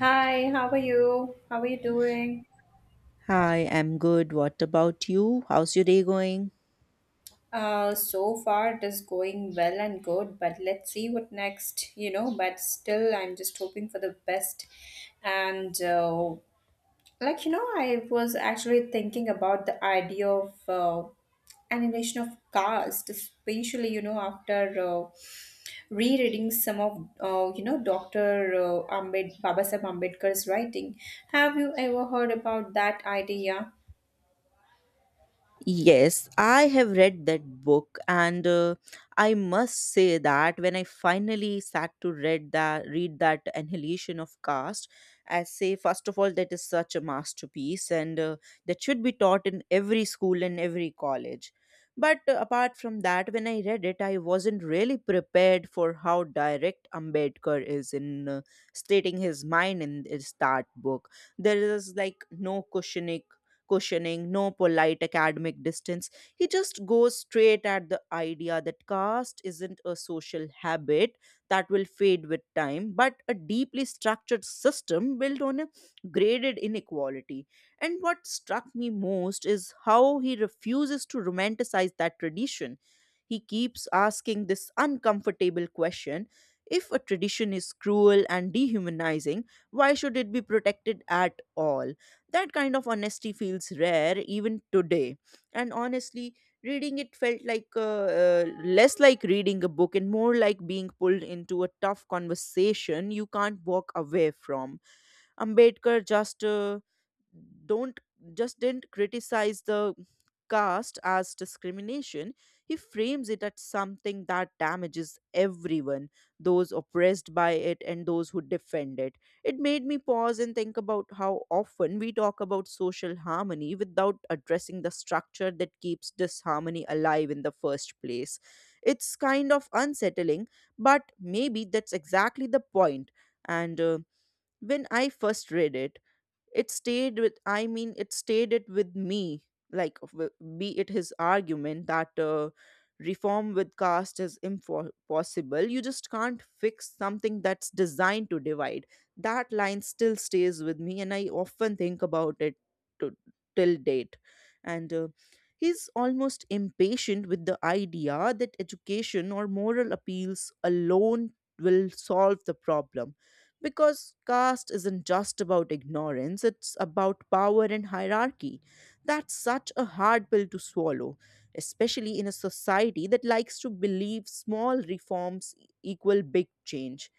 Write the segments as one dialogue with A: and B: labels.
A: Hi, how are you? How are you doing?
B: Hi, I'm good. What about you? How's your day going?
A: So far it is going well and good, but let's see what next, you know. But still, I'm just hoping for the best. And Like, you know, I was actually thinking about the idea of animation of caste, especially, you know, after uh, rereading some of, you know, Dr. Babasaheb Ambedkar's writing. Have you ever heard about that idea?
B: Yes, I have read that book, and I must say that when I finally sat to read that Annihilation of Caste, I say first of all that is such a masterpiece, and that should be taught in every school and every college. But apart from that, when I read it, I wasn't really prepared for how direct Ambedkar is in stating his mind in that book. There is like no cushioning, no polite academic distance. He just goes straight at the idea that caste isn't a social habit that will fade with time, but a deeply structured system built on a graded inequality. And what struck me most is how he refuses to romanticize that tradition. He keeps asking this uncomfortable question: if a tradition is cruel and dehumanizing, why should it be protected at all? That kind of honesty feels rare even today. And honestly, reading it felt like less like reading a book and more like being pulled into a tough conversation you can't walk away from. Ambedkar just don't just didn't criticize the caste as discrimination, he frames it as something that damages everyone, those oppressed by it and those who defend it. It made me pause and think about how often we talk about social harmony without addressing the structure that keeps disharmony alive in the first place. It's kind of unsettling, but maybe that's exactly the point. And when I first read it, it stayed with I mean it stayed it with me, like w- be it his argument that reform with caste is impossible. You just can't fix something that's designed to divide. That line still stays with me, and I often think about it to, till date. And he's almost impatient with the idea that education or moral appeals alone will solve the problem, because caste isn't just about ignorance, it's about power and hierarchy. That's such a hard pill to swallow, especially in a society that likes to believe small reforms equal big change.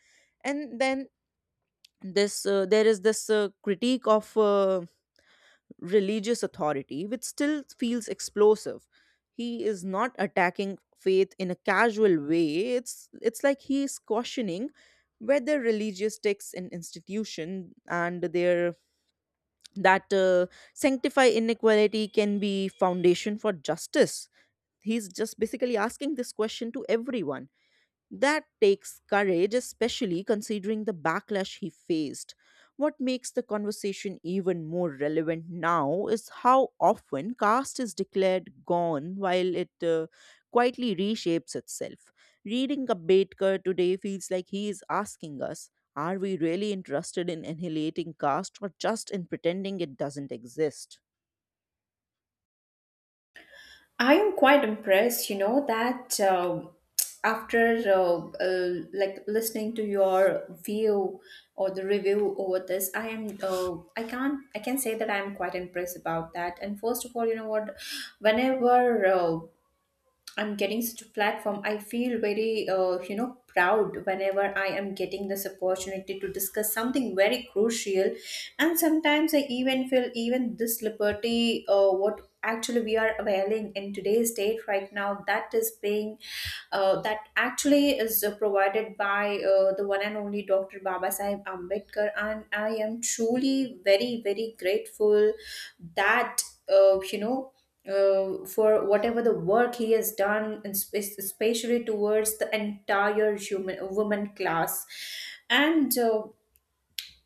B: And then this there is this critique of religious authority, which still feels explosive. He is not attacking faith in a casual way. It's like he is cautioning whether religious texts and institution and their that sanctify inequality can be foundation for justice. He's just basically asking this question to everyone. That takes courage, especially considering the backlash he faced. What makes the conversation even more relevant now is how often caste is declared gone while it quietly reshapes itself. Reading Ambedkar today feels like he is asking us: are we really interested in annihilating caste, or just in pretending it doesn't exist?
A: I am quite impressed, you know, that after like listening to your view or the review over this, I am I can't I can say that I am quite impressed about that. And first of all, you know what, whenever I'm getting such a platform. I feel very, you know, proud whenever I am getting this opportunity to discuss something very crucial. And sometimes I even feel even this liberty, what actually we are availing in today's date right now, that is being, that actually is provided by the one and only Dr. Baba Sahib Ambedkar. And I am truly very, very grateful that, uh, you know for whatever the work he has done, and especially towards the entire human woman class. And uh,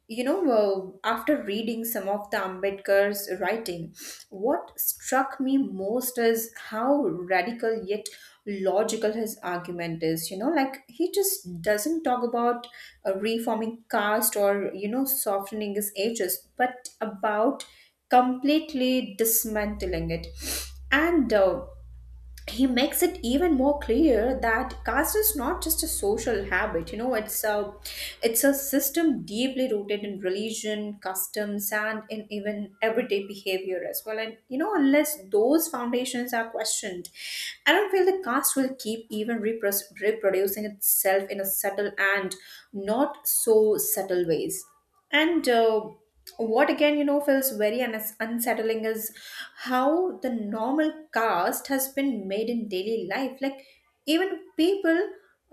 A: you know, After reading some of the Ambedkar's writing, what struck me most is how radical yet logical his argument is. You know, like he just doesn't talk about reforming caste or, you know, softening his ages, but about completely dismantling it. And He makes it even more clear that caste is not just a social habit, you know, it's a system deeply rooted in religion, customs, and in even everyday behavior as well. And you know, unless those foundations are questioned, I don't feel the caste will keep even repros reproducing itself in a subtle and not so subtle ways. And What again, you know, feels very unsettling is how the normal caste has been made in daily life, like even people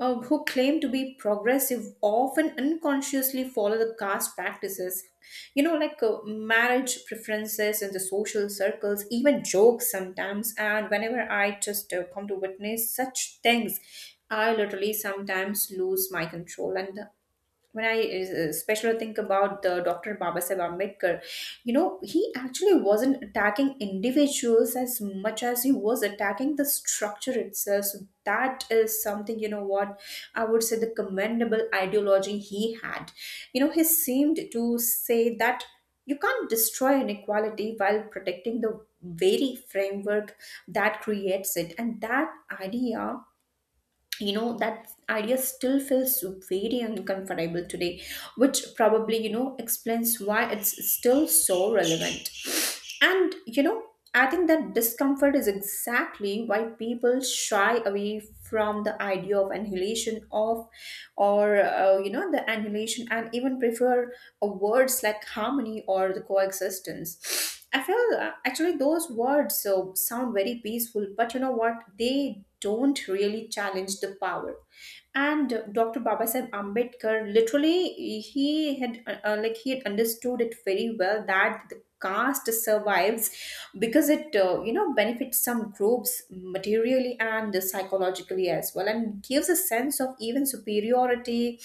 A: who claim to be progressive often unconsciously follow the caste practices, you know, like marriage preferences in the social circles, even jokes sometimes. And whenever I just come to witness such things, I literally sometimes lose my control. And when I especially think about the Dr. Babasaheb Ambedkar, you know, he actually wasn't attacking individuals as much as he was attacking the structure itself. So that is something, you know, what I would say the commendable ideology he had. You know, he seemed to say that you can't destroy inequality while protecting the very framework that creates it. And that idea, you know, that idea still feels very uncomfortable today, which probably, you know, explains why it's still so relevant. And you know, I think that discomfort is exactly why people shy away from the idea of annihilation of or you know, the annihilation, and even prefer words like harmony or the coexistence. I feel actually those words so sound very peaceful, but you know what? They don't really challenge the power. And Dr. Babasaheb Ambedkar literally, he had like he had understood it very well that the caste survives because it you know, benefits some groups materially and psychologically as well, and gives a sense of even superiority,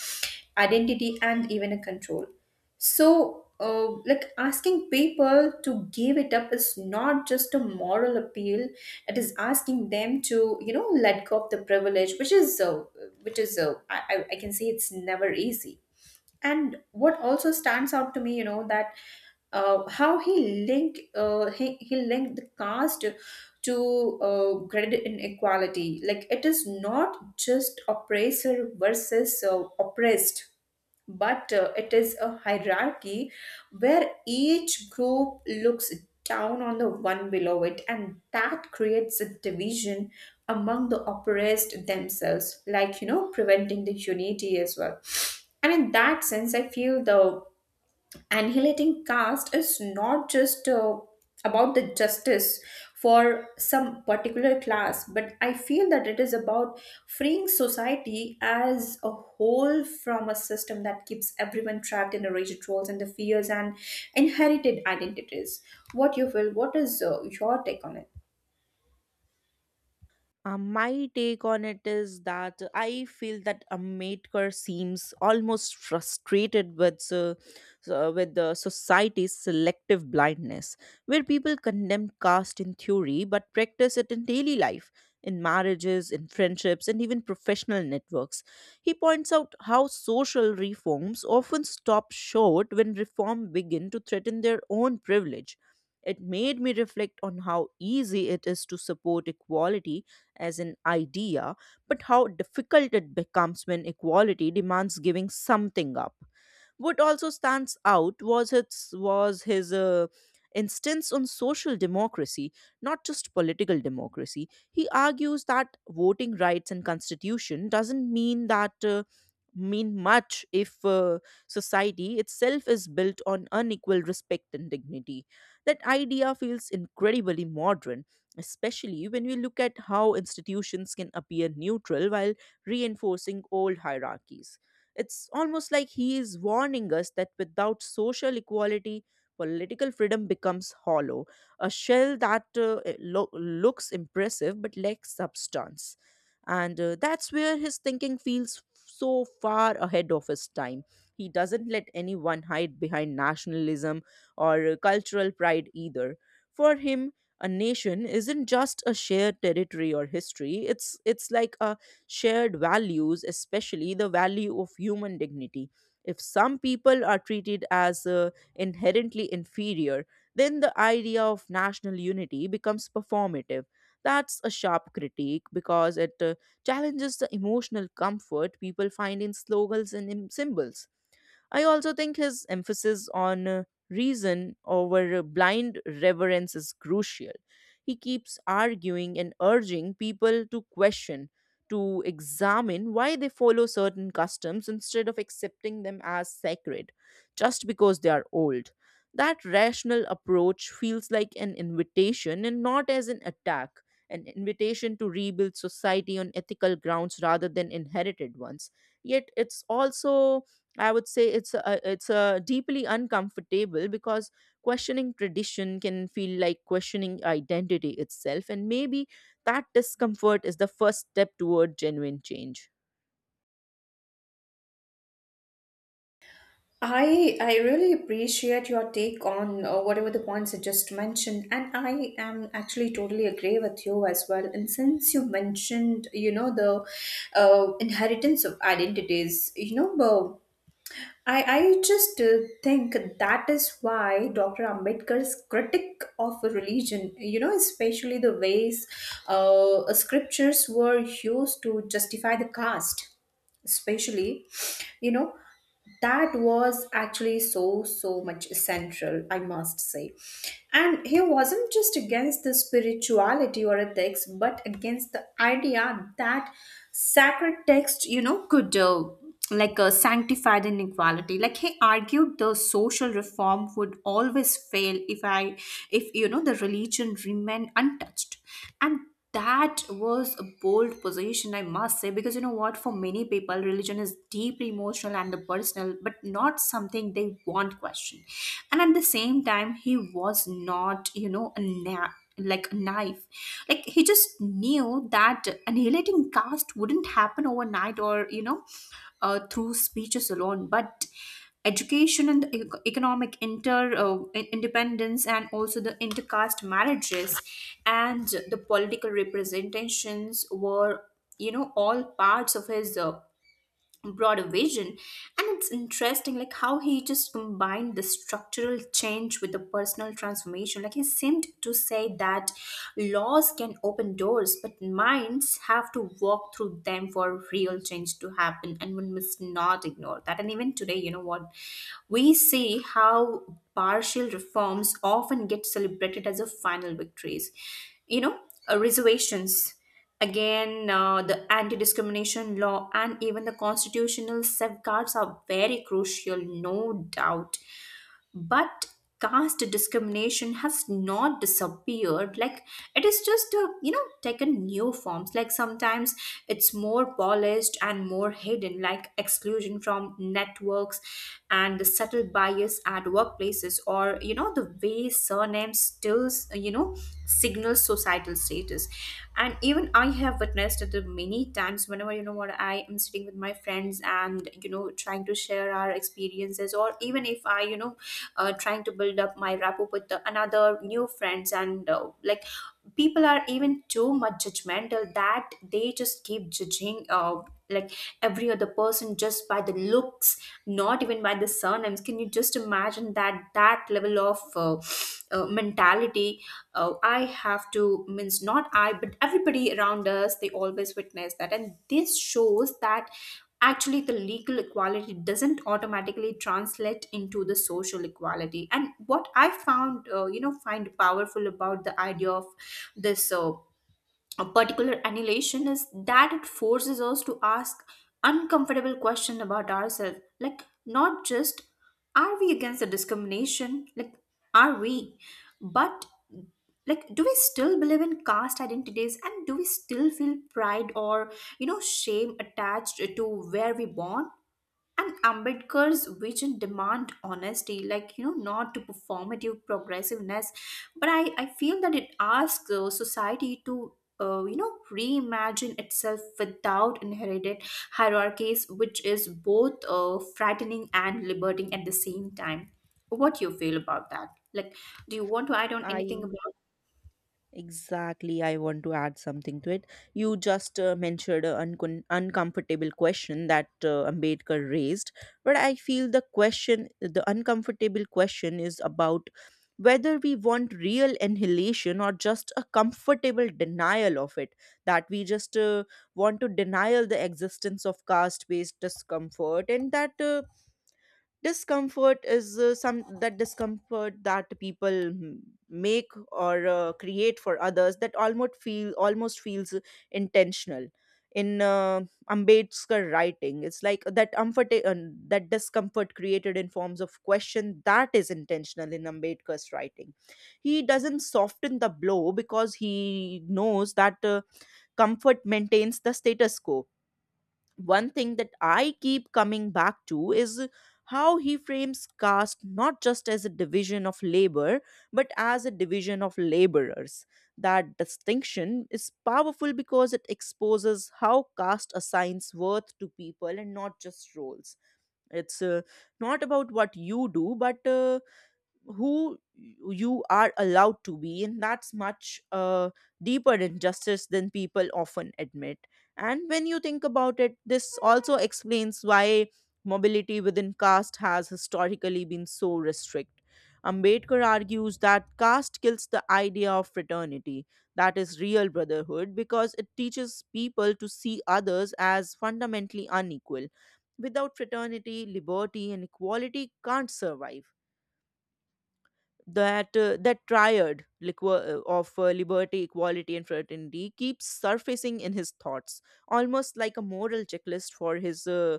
A: identity, and even a control. So like asking people to give it up is not just a moral appeal, it is asking them to, you know, let go of the privilege, which is I can say it's never easy. And what also stands out to me, you know, that how he linked the caste to credit inequality. Like it is not just oppressor versus oppressed, but it is a hierarchy where each group looks down on the one below it, and that creates a division among the oppressed themselves, like, you know, preventing the unity as well. And in that sense, I feel the annihilating caste is not just about the justice for some particular class, but I feel that it is about freeing society as a whole from a system that keeps everyone trapped in the rigid roles and the fears and inherited identities. What you feel? What is your take on it?
B: My take on it is that I feel that a maker seems almost frustrated with with the society's selective blindness, where people condemn caste in theory but practice it in daily life, in marriages, in friendships, and even professional networks. He points out how social reforms often stop short when reform begin to threaten their own privilege. It made me reflect on how easy it is to support equality as an idea, but how difficult it becomes when equality demands giving something up. What also stands out was his instance on social democracy, not just political democracy. He argues that voting rights and constitution doesn't mean that. Mean much if society itself is built on unequal respect and dignity. That idea feels incredibly modern, especially when we look at how institutions can appear neutral while reinforcing old hierarchies. It's almost like he is warning us that without social equality, political freedom becomes hollow, a shell that looks impressive but lacks substance. And that's where his thinking feels so far ahead of his time. He doesn't let anyone hide behind nationalism or cultural pride either. For him, a nation isn't just a shared territory or history. It's like a shared values, especially the value of human dignity. If some people are treated as inherently inferior, then the idea of national unity becomes performative. That's a sharp critique, because it challenges the emotional comfort people find in slogans and in symbols. I also think his emphasis on reason over blind reverence is crucial. He keeps arguing and urging people to question, to examine why they follow certain customs instead of accepting them as sacred just because they are old. That rational approach feels like an invitation and not as an attack, an invitation to rebuild society on ethical grounds rather than inherited ones. Yet it's also, I would say, it's a deeply uncomfortable, because questioning tradition can feel like questioning identity itself, and maybe that discomfort is the first step toward genuine change.
A: I really appreciate your take on whatever the points you just mentioned, and I am actually totally agree with you as well. And since you mentioned, you know, the inheritance of identities, you know, I just think that is why Dr. Ambedkar's critic of religion, you know, especially the ways scriptures were used to justify the caste, especially, you know, that was actually so so much central, I must say. And he wasn't just against the spirituality or ethics, but against the idea that sacred text, you know, could sanctified inequality. Like he argued the social reform would always fail if, you know, the religion remained untouched. And that was a bold position, I must say, because you know what? For many people, religion is deeply emotional and the personal, but not something they want question. And at the same time, he was not, you know, a like a knife. Like he just knew that annihilating caste wouldn't happen overnight, or you know, through speeches alone, but education and the economic independence, and also the intercaste marriages and the political representations were, you know, all parts of his broader vision. And it's interesting like how he just combined the structural change with the personal transformation. Like he seemed to say that laws can open doors, but minds have to walk through them for real change to happen, and one must not ignore that. And even today, you know what, we see how partial reforms often get celebrated as a final victories, you know, reservations, again the anti-discrimination law, and even the constitutional safeguards are very crucial, no doubt. But caste discrimination has not disappeared, like it is just you know, taken new forms. Like sometimes it's more polished and more hidden, like exclusion from networks and the subtle bias at workplaces, or you know, the way surnames still, you know, signals societal status. And even I have witnessed it many times whenever, you know what, I am sitting with my friends and, you know, trying to share our experiences, or even if I, you know, trying to build up my rapport with the, another new friends. And Like people are even too much judgmental that they just keep judging like every other person just by the looks, not even by the surnames. Can you just imagine that? That level of mentality, I have to means not I but everybody around us, they always witness that. And this shows that actually the legal equality doesn't automatically translate into the social equality. And what I found you know, find powerful about the idea of this a particular annihilation is that it forces us to ask uncomfortable questions about ourselves, like not just are we against the discrimination, like are we, but like do we still believe in caste identities, and do we still feel pride or, you know, shame attached to where we born. And Ambedkar's vision demand honesty, like, you know, not to performative progressiveness. But I feel that it asks society to you know, reimagine itself without inherited hierarchies, which is both frightening and liberating at the same time. What do you feel about that? Like, do you want to add on anything
B: Aí,
A: about?
B: exactly, I want to add something to it. You just mentioned an uncon uncomfortable question that Ambedkar raised, but I feel the question, the uncomfortable question, is about whether we want real annihilation or just a comfortable denial of it. That we just want to denial the existence of caste-based discomfort, and that discomfort is some that discomfort that people make or create for others, that almost feels intentional in Ambedkar writing. It's like that comfort that discomfort created in forms of question, that is intentional in Ambedkar's writing. He doesn't soften the blow because he knows that comfort maintains the status quo. One thing that I keep coming back to is how he frames caste not just as a division of labor, but as a division of laborers. That distinction is powerful because it exposes how caste assigns worth to people and not just roles. It's not about what you do, but who you are allowed to be, and that's much deeper injustice than people often admit. And when you think about it, this also explains why mobility within caste has historically been so restrict. Ambedkar argues that caste kills the idea of fraternity, that is real brotherhood, because it teaches people to see others as fundamentally unequal. Without fraternity, liberty and equality can't survive. That triad liquor of liberty, equality and fraternity keeps surfacing in his thoughts, almost like a moral checklist for his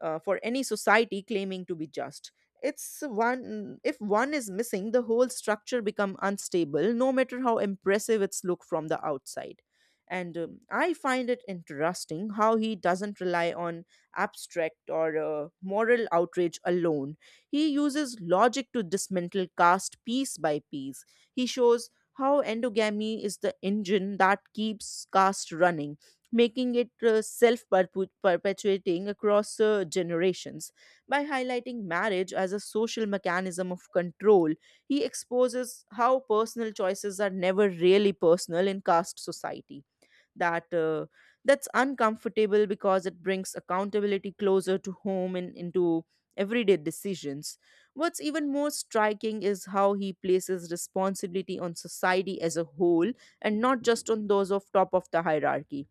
B: for any society claiming to be just. It's one If one is missing, the whole structure become unstable, no matter how impressive its look from the outside. And I find it interesting how he doesn't rely on abstract or moral outrage alone. He uses logic to dismantle caste piece by piece. He shows how endogamy is the engine that keeps caste running, making it self perpetuating across generations. By highlighting marriage as a social mechanism of control, he exposes how personal choices are never really personal in caste society. That uh, that's uncomfortable because it brings accountability closer to home and into everyday decisions. What's even more striking is how he places responsibility on society as a whole, and not just on those of top of the hierarchy.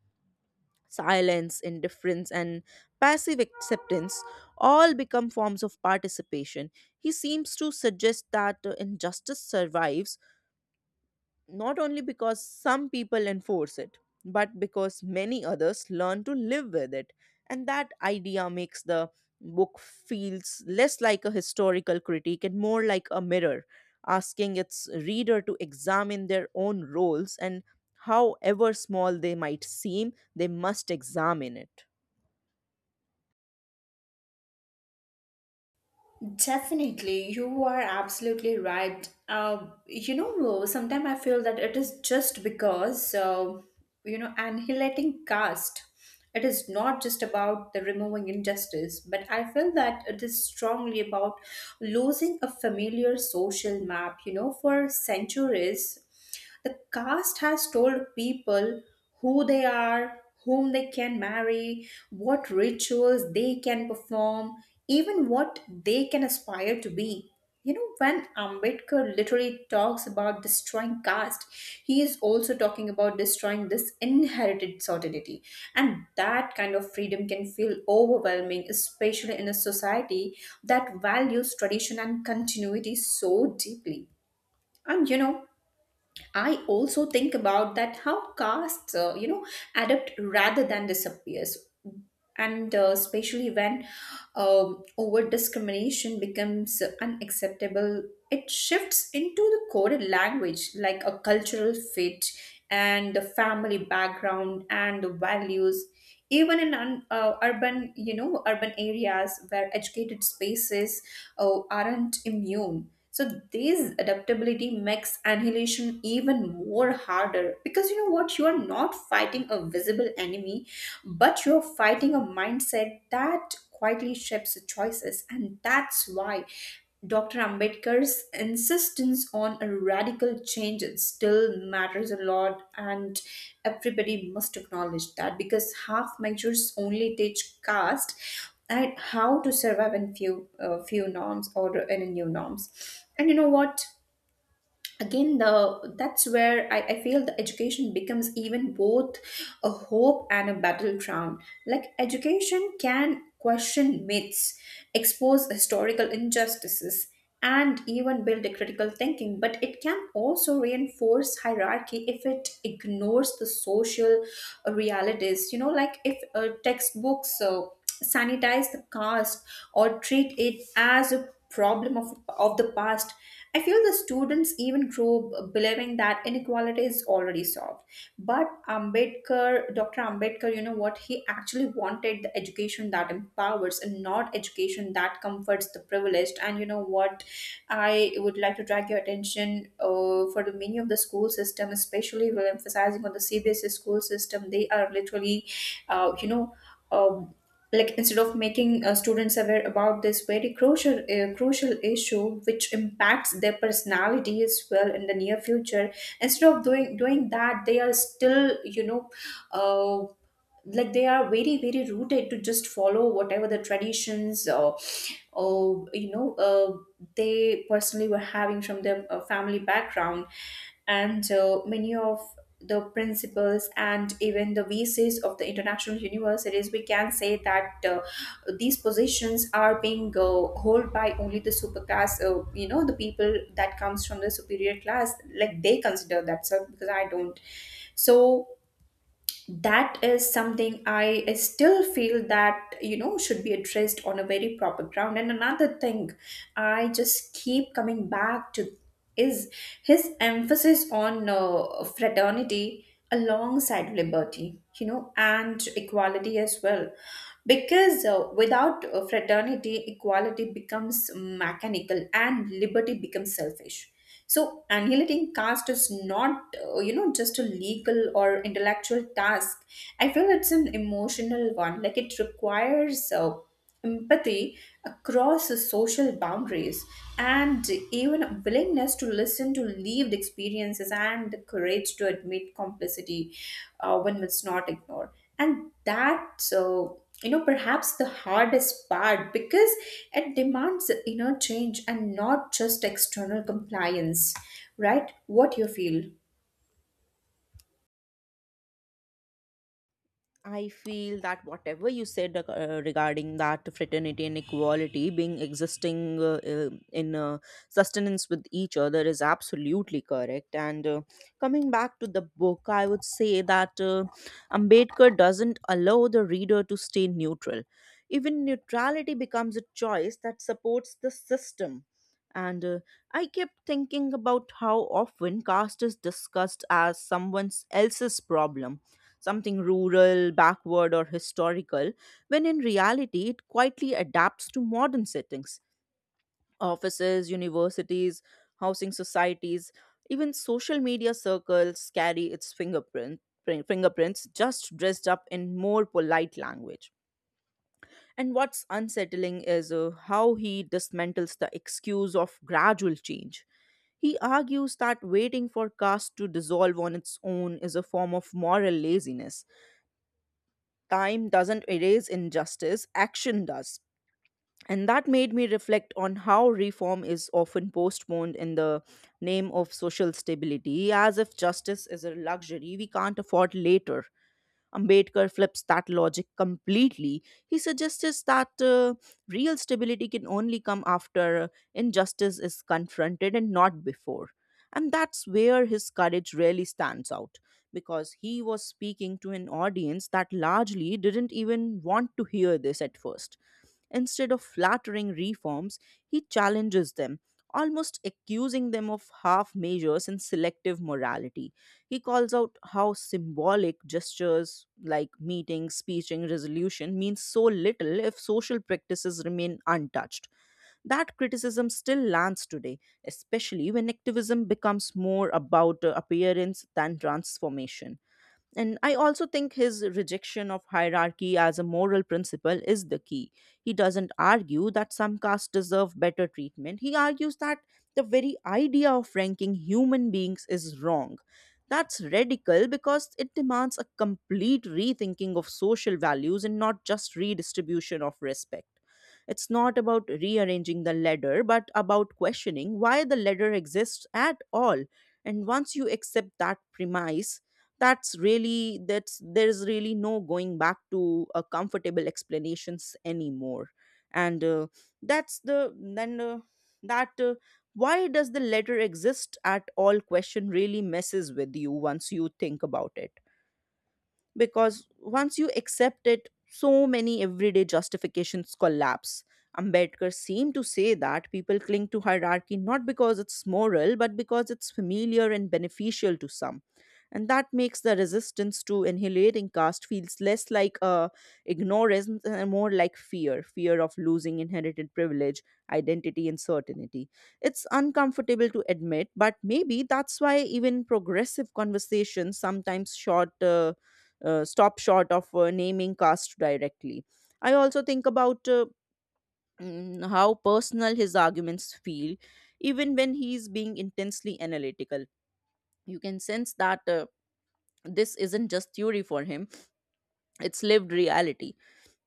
B: Silence, indifference and passive acceptance all become forms of participation. He seems to suggest that injustice survives not only because some people enforce it, but because many others learn to live with it. And that idea makes the book feels less like a historical critique and more like a mirror, asking its reader to examine their own roles, and however small they might seem, they must examine it.
A: Definitely, you are absolutely right. You know, sometimes I feel that it is just because, you know, annihilating caste, it is not just about the removing injustice, but I feel that it is strongly about losing a familiar social map. You know, for centuries, the caste has told people who they are, whom they can marry, what rituals they can perform, even what they can aspire to be. You know, when Ambedkar literally talks about destroying caste, he is also talking about destroying this inherited certainty. And that kind of freedom can feel overwhelming, especially in a society that values tradition and continuity so deeply. And you know, I also think about that how castes, you know, adapt rather than disappears, and especially when over discrimination becomes unacceptable, it shifts into the coded language, like a cultural fit and the family background and the values, even in urban, urban areas where educated spaces aren't immune. So this adaptability makes annihilation even more harder, because you know what, you are not fighting a visible enemy, but you're fighting a mindset that quietly shapes your choices. And that's why Dr. Ambedkar's insistence on a radical change still matters a lot, and everybody must acknowledge that because half measures only teach caste and how to survive in few norms or in new norms. And you know what? Again the that's where I feel the education becomes even both a hope and a battleground. Like education can question myths, expose historical injustices, and even build a critical thinking, but it can also reinforce hierarchy if it ignores the social realities, you know, like if textbooks sanitize the caste or treat it as a problem of the past, I feel the students even believing that inequality is already solved. But Ambedkar, Dr. Ambedkar, you know what? He actually wanted the education that empowers and not education that comforts the privileged. And you know what? I would like to drag your attention for the many of the school system, especially we're emphasizing on the CBSE school system. They are literally, uh, you know. uh, like instead of making students aware about this very crucial issue which impacts their personality as well in the near future. Instead of doing that, they are still, you know, uh, like they are very very rooted to just follow whatever the traditions or or they personally were having from their family background. And so many of the principles and even the visas of the international universities, we can say that these positions are being held by only the super class, you know, the people that comes from the superior class, like they consider themselves, because I don't. So that is something I still feel that, you know, should be addressed on a very proper ground. And another thing I just keep coming back to is his emphasis on fraternity alongside liberty, you know, and equality as well, because without fraternity, equality becomes mechanical and liberty becomes selfish. So, annihilating caste is not, just a legal or intellectual task. I feel it's an emotional one. Like it requires empathy across the social boundaries, and even a willingness to listen to lived experiences and the courage to admit complicity when it's not ignored. And that's, perhaps the hardest part, because it demands inner change and not just external compliance, right? What you feel?
B: I feel that whatever you said regarding that fraternity and equality being existing in sustenance with each other is absolutely correct. And coming back to the book, I would say that Ambedkar doesn't allow the reader to stay neutral. Even neutrality becomes a choice that supports the system. And I kept thinking about how often caste is discussed as someone else's problem, something rural, backward, or historical, when in reality it quietly adapts to modern settings. Offices, universities, housing societies, even social media circles carry its fingerprint, fingerprints just dressed up in more polite language. And what's unsettling is how he dismantles the excuse of gradual change. He argues that waiting for caste to dissolve on its own is a form of moral laziness. Time doesn't erase injustice, action does. And that made me reflect on how reform is often postponed in the name of social stability, as if justice is a luxury we can't afford later. Ambedkar flips that logic completely. He suggests that real stability can only come after injustice is confronted and not before. And that's where his courage really stands out, because he was speaking to an audience that largely didn't even want to hear this at first. Instead of flattering reforms, he challenges them, almost accusing them of half measures and selective morality. He calls out how symbolic gestures like meeting, speeching, resolution mean so little if social practices remain untouched. That criticism still lands today, especially when activism becomes more about appearance than transformation. And I also think his rejection of hierarchy as a moral principle is the key. He doesn't argue that some castes deserve better treatment. He argues that the very idea of ranking human beings is wrong. That's radical because it demands a complete rethinking of social values and not just redistribution of respect. It's not about rearranging the ladder, but about questioning why the ladder exists at all. And once you accept that premise, that's really that's there's really no going back to comfortable explanations anymore and that's the then that why does the letter exist at all question really messes with you once you think about it, because once you accept it, so many everyday justifications collapse. Ambedkar seemed to say that people cling to hierarchy not because it's moral, but because it's familiar and beneficial to some. And that makes the resistance to annihilating caste feels less like ignorance and more like fear of losing inherited privilege, identity, and certainty. It's uncomfortable to admit, but maybe that's why even progressive conversations sometimes short. Stop short of naming caste directly. I also think about how personal his arguments feel, even when he's being intensely analytical. You can sense that this isn't just theory for him, it's lived reality.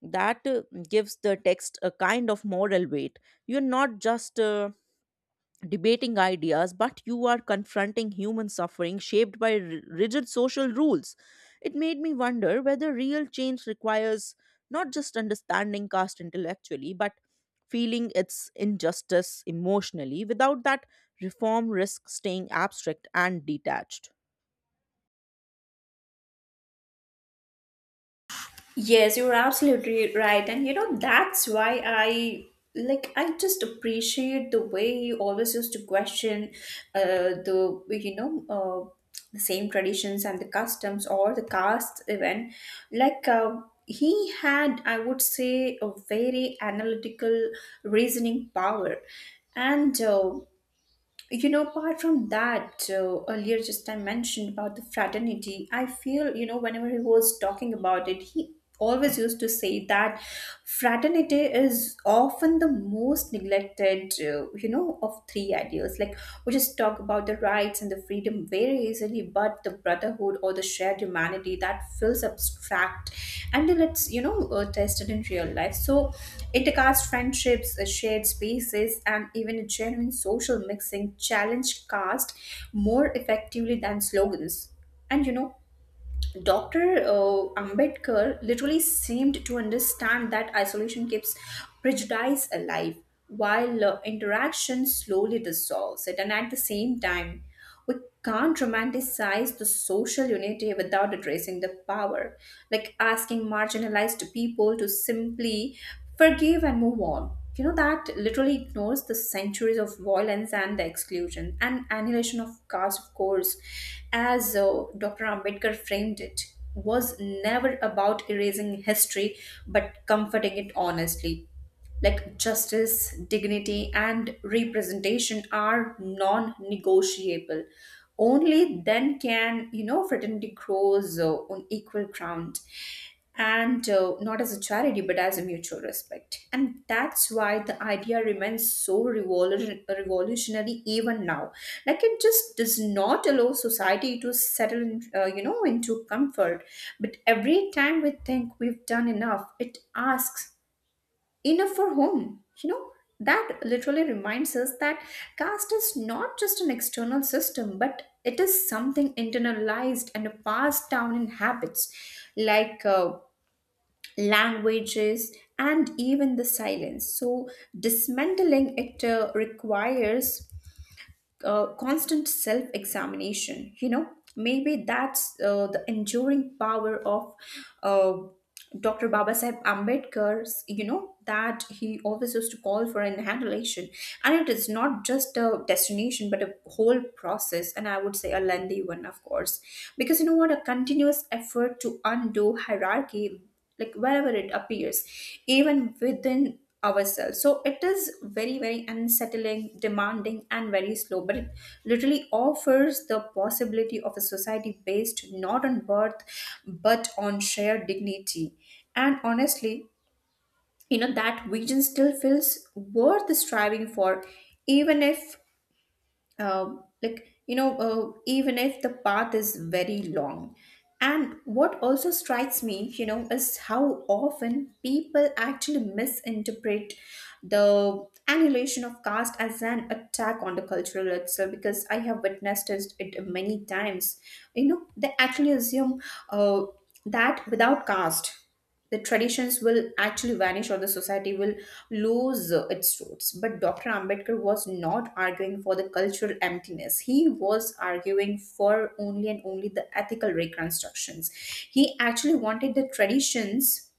B: That gives the text a kind of moral weight. You're not just debating ideas, but you are confronting human suffering shaped by rigid social rules. It made me wonder whether real change requires not just understanding caste intellectually, but feeling its injustice emotionally. Without that, reform risks staying abstract and detached.
A: Yes, you're absolutely right. And you know, that's why I, like, I just appreciate the way he always used to question the you know the same traditions and the customs or the caste even. Like he had, I would say, a very analytical reasoning power. And you know, apart from that, earlier just I mentioned about the fraternity. I feel, you know, whenever he was talking about it, he always used to say that fraternity is often the most neglected, of three ideals. Like we just talk about the rights and the freedom him very easily, but the brotherhood or the shared humanity that feels abstract until it's, tested in real life. So, intercaste friendships, shared spaces, and even a genuine social mixing challenge caste more effectively than slogans. And you know, Dr. Ambedkar literally seemed to understand that isolation keeps prejudice alive, while interaction slowly dissolves it. And at the same time, we can't romanticize the social unity without addressing the power, like asking marginalized people to simply forgive and move on. You know, that literally ignores the centuries of violence and the exclusion. And annihilation of caste, of course, as Dr. Ambedkar framed it, was never about erasing history but comforting it honestly. Like justice, dignity, and representation are non negotiable. Only then can, you know, fraternity grows on equal ground and not as a charity but as a mutual respect. And that's why the idea remains so revolutionary even now, like it just does not allow society to settle in, into comfort. But every time we think we've done enough, it asks, enough for whom, you know? That literally reminds us that caste is not just an external system, but it is something internalized and passed down in habits, like languages, and even the silence. So, dismantling it requires constant self examination. You know, maybe that's the enduring power of uh, Dr. Babasaheb Ambedkar's, you know, that he always used to call for annihilation. And it is not just a destination, but a whole process. And I would say a lengthy one, of course. Because you know what? A continuous effort to undo hierarchy, like wherever it appears, even within ourselves. So it is very very unsettling, demanding, and very slow, but it literally offers the possibility of a society based not on birth but on shared dignity. And honestly, you know, that vision still feels worth striving for, even if uh, even if the path is very long. And what also strikes me, you know, is how often people actually misinterpret the annihilation of caste as an attack on the cultural itself, because I have witnessed it many times. You know, they actually assume uh, that without caste the traditions will actually vanish or the society will lose its roots. But Dr. Ambedkar was not arguing for the cultural emptiness. He was arguing for only and only the ethical reconstructions. He actually wanted the traditions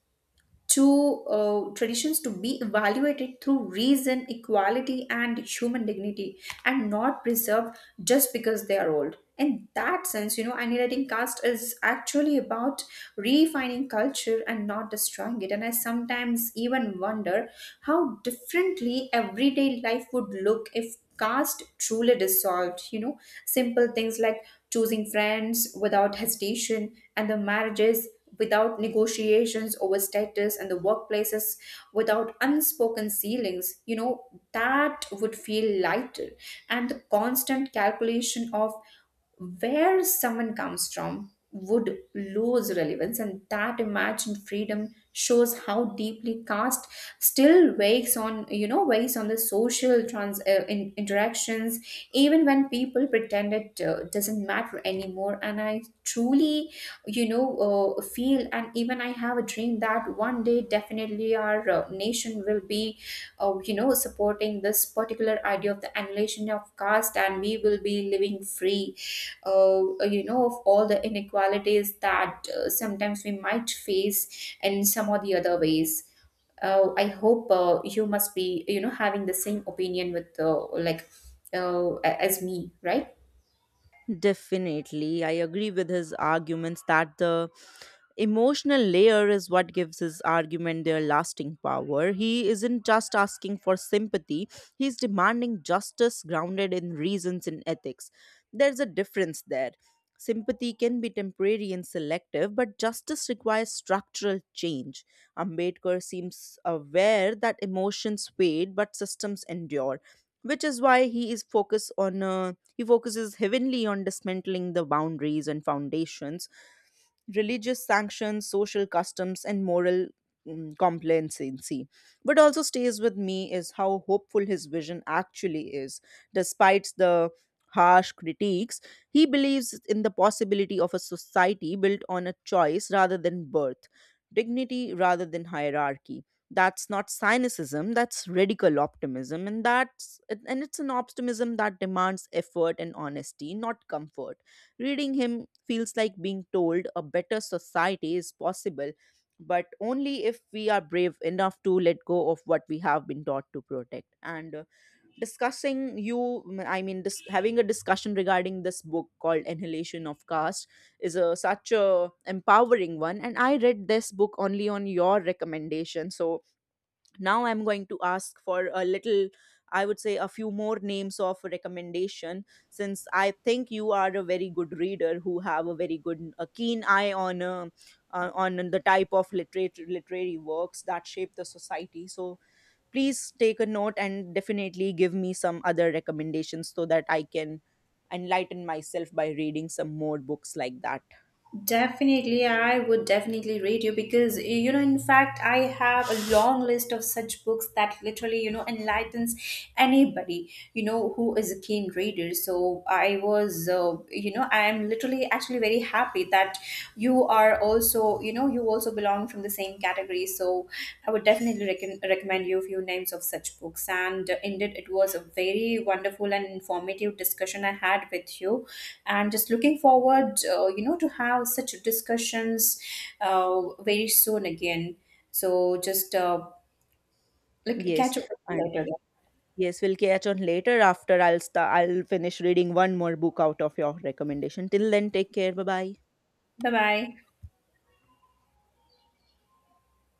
A: to uh, traditions to be evaluated through reason, equality, and human dignity, and not preserved just because they are old. In that sense, you know, annihilating caste is actually about refining culture and not destroying it. And I sometimes even wonder how differently everyday life would look if caste truly dissolved, you know, simple things like choosing friends without hesitation, and the marriages without negotiations over status, and the workplaces without unspoken ceilings. You know, that would feel lighter, and the constant calculation of where someone comes from would lose relevance. And that imagined freedom shows how deeply caste still weighs on, you know, weighs on the social interactions, even when people pretend it doesn't matter anymore. And I truly, you know, feel, and even I have a dream, that one day definitely our nation will be, you know, supporting this particular idea of the annihilation of caste, and we will be living free you know, of all the inequalities that sometimes we might face in some or the other ways. I hope you must be, you know, having the same opinion with as me, right?
B: Definitely. I agree with his arguments that the emotional layer is what gives his argument their lasting power. He isn't just asking for sympathy, he's demanding justice grounded in reasons and ethics. There's a difference there. Sympathy can be temporary and selective, but justice requires structural change. Ambedkar seems aware that emotions fade but systems endure, which is why he is focused on a he focuses heavenly on dismantling the boundaries and foundations, religious sanctions, social customs, and moral complacency. What also stays with me is how hopeful his vision actually is. Despite the harsh critiques, he believes in the possibility of a society built on a choice rather than birth, dignity rather than hierarchy. That's not cynicism, that's radical optimism, and that's and it's an optimism that demands effort and honesty, not comfort. Reading him feels like being told a better society is possible, but only if we are brave enough to let go of what we have been taught to protect. And discussing you, mm, I mean, dis- having a discussion regarding this book called Annihilation of Caste is a, such a empowering one. And I read this book only on your recommendation, so now I'm going to ask for a little, I would say a few more names of recommendation, since I think you are a very good reader who have a very good, a keen eye on the type of literary works that shape the society. So please take a note and definitely give me some other recommendations so that I can enlighten myself by reading some more books like that.
A: Definitely, I would definitely read you, because you know, in fact, I have a long list of such books that literally, you know, enlightens anybody, you know, who is a keen reader. So I was, I am literally actually very happy that you are also, you know, you also belong from the same category. So I would definitely recommend you a few names of such books. And indeed, it was a very wonderful and informative discussion I had with you. And just looking forward, you know, to have such discussions very soon again. So just like,
B: Yes.
A: catch up with you later.
B: Yes, we'll catch on later after I'll finish reading one more book out of your recommendation. Till then, take care. Bye bye.
A: Bye bye.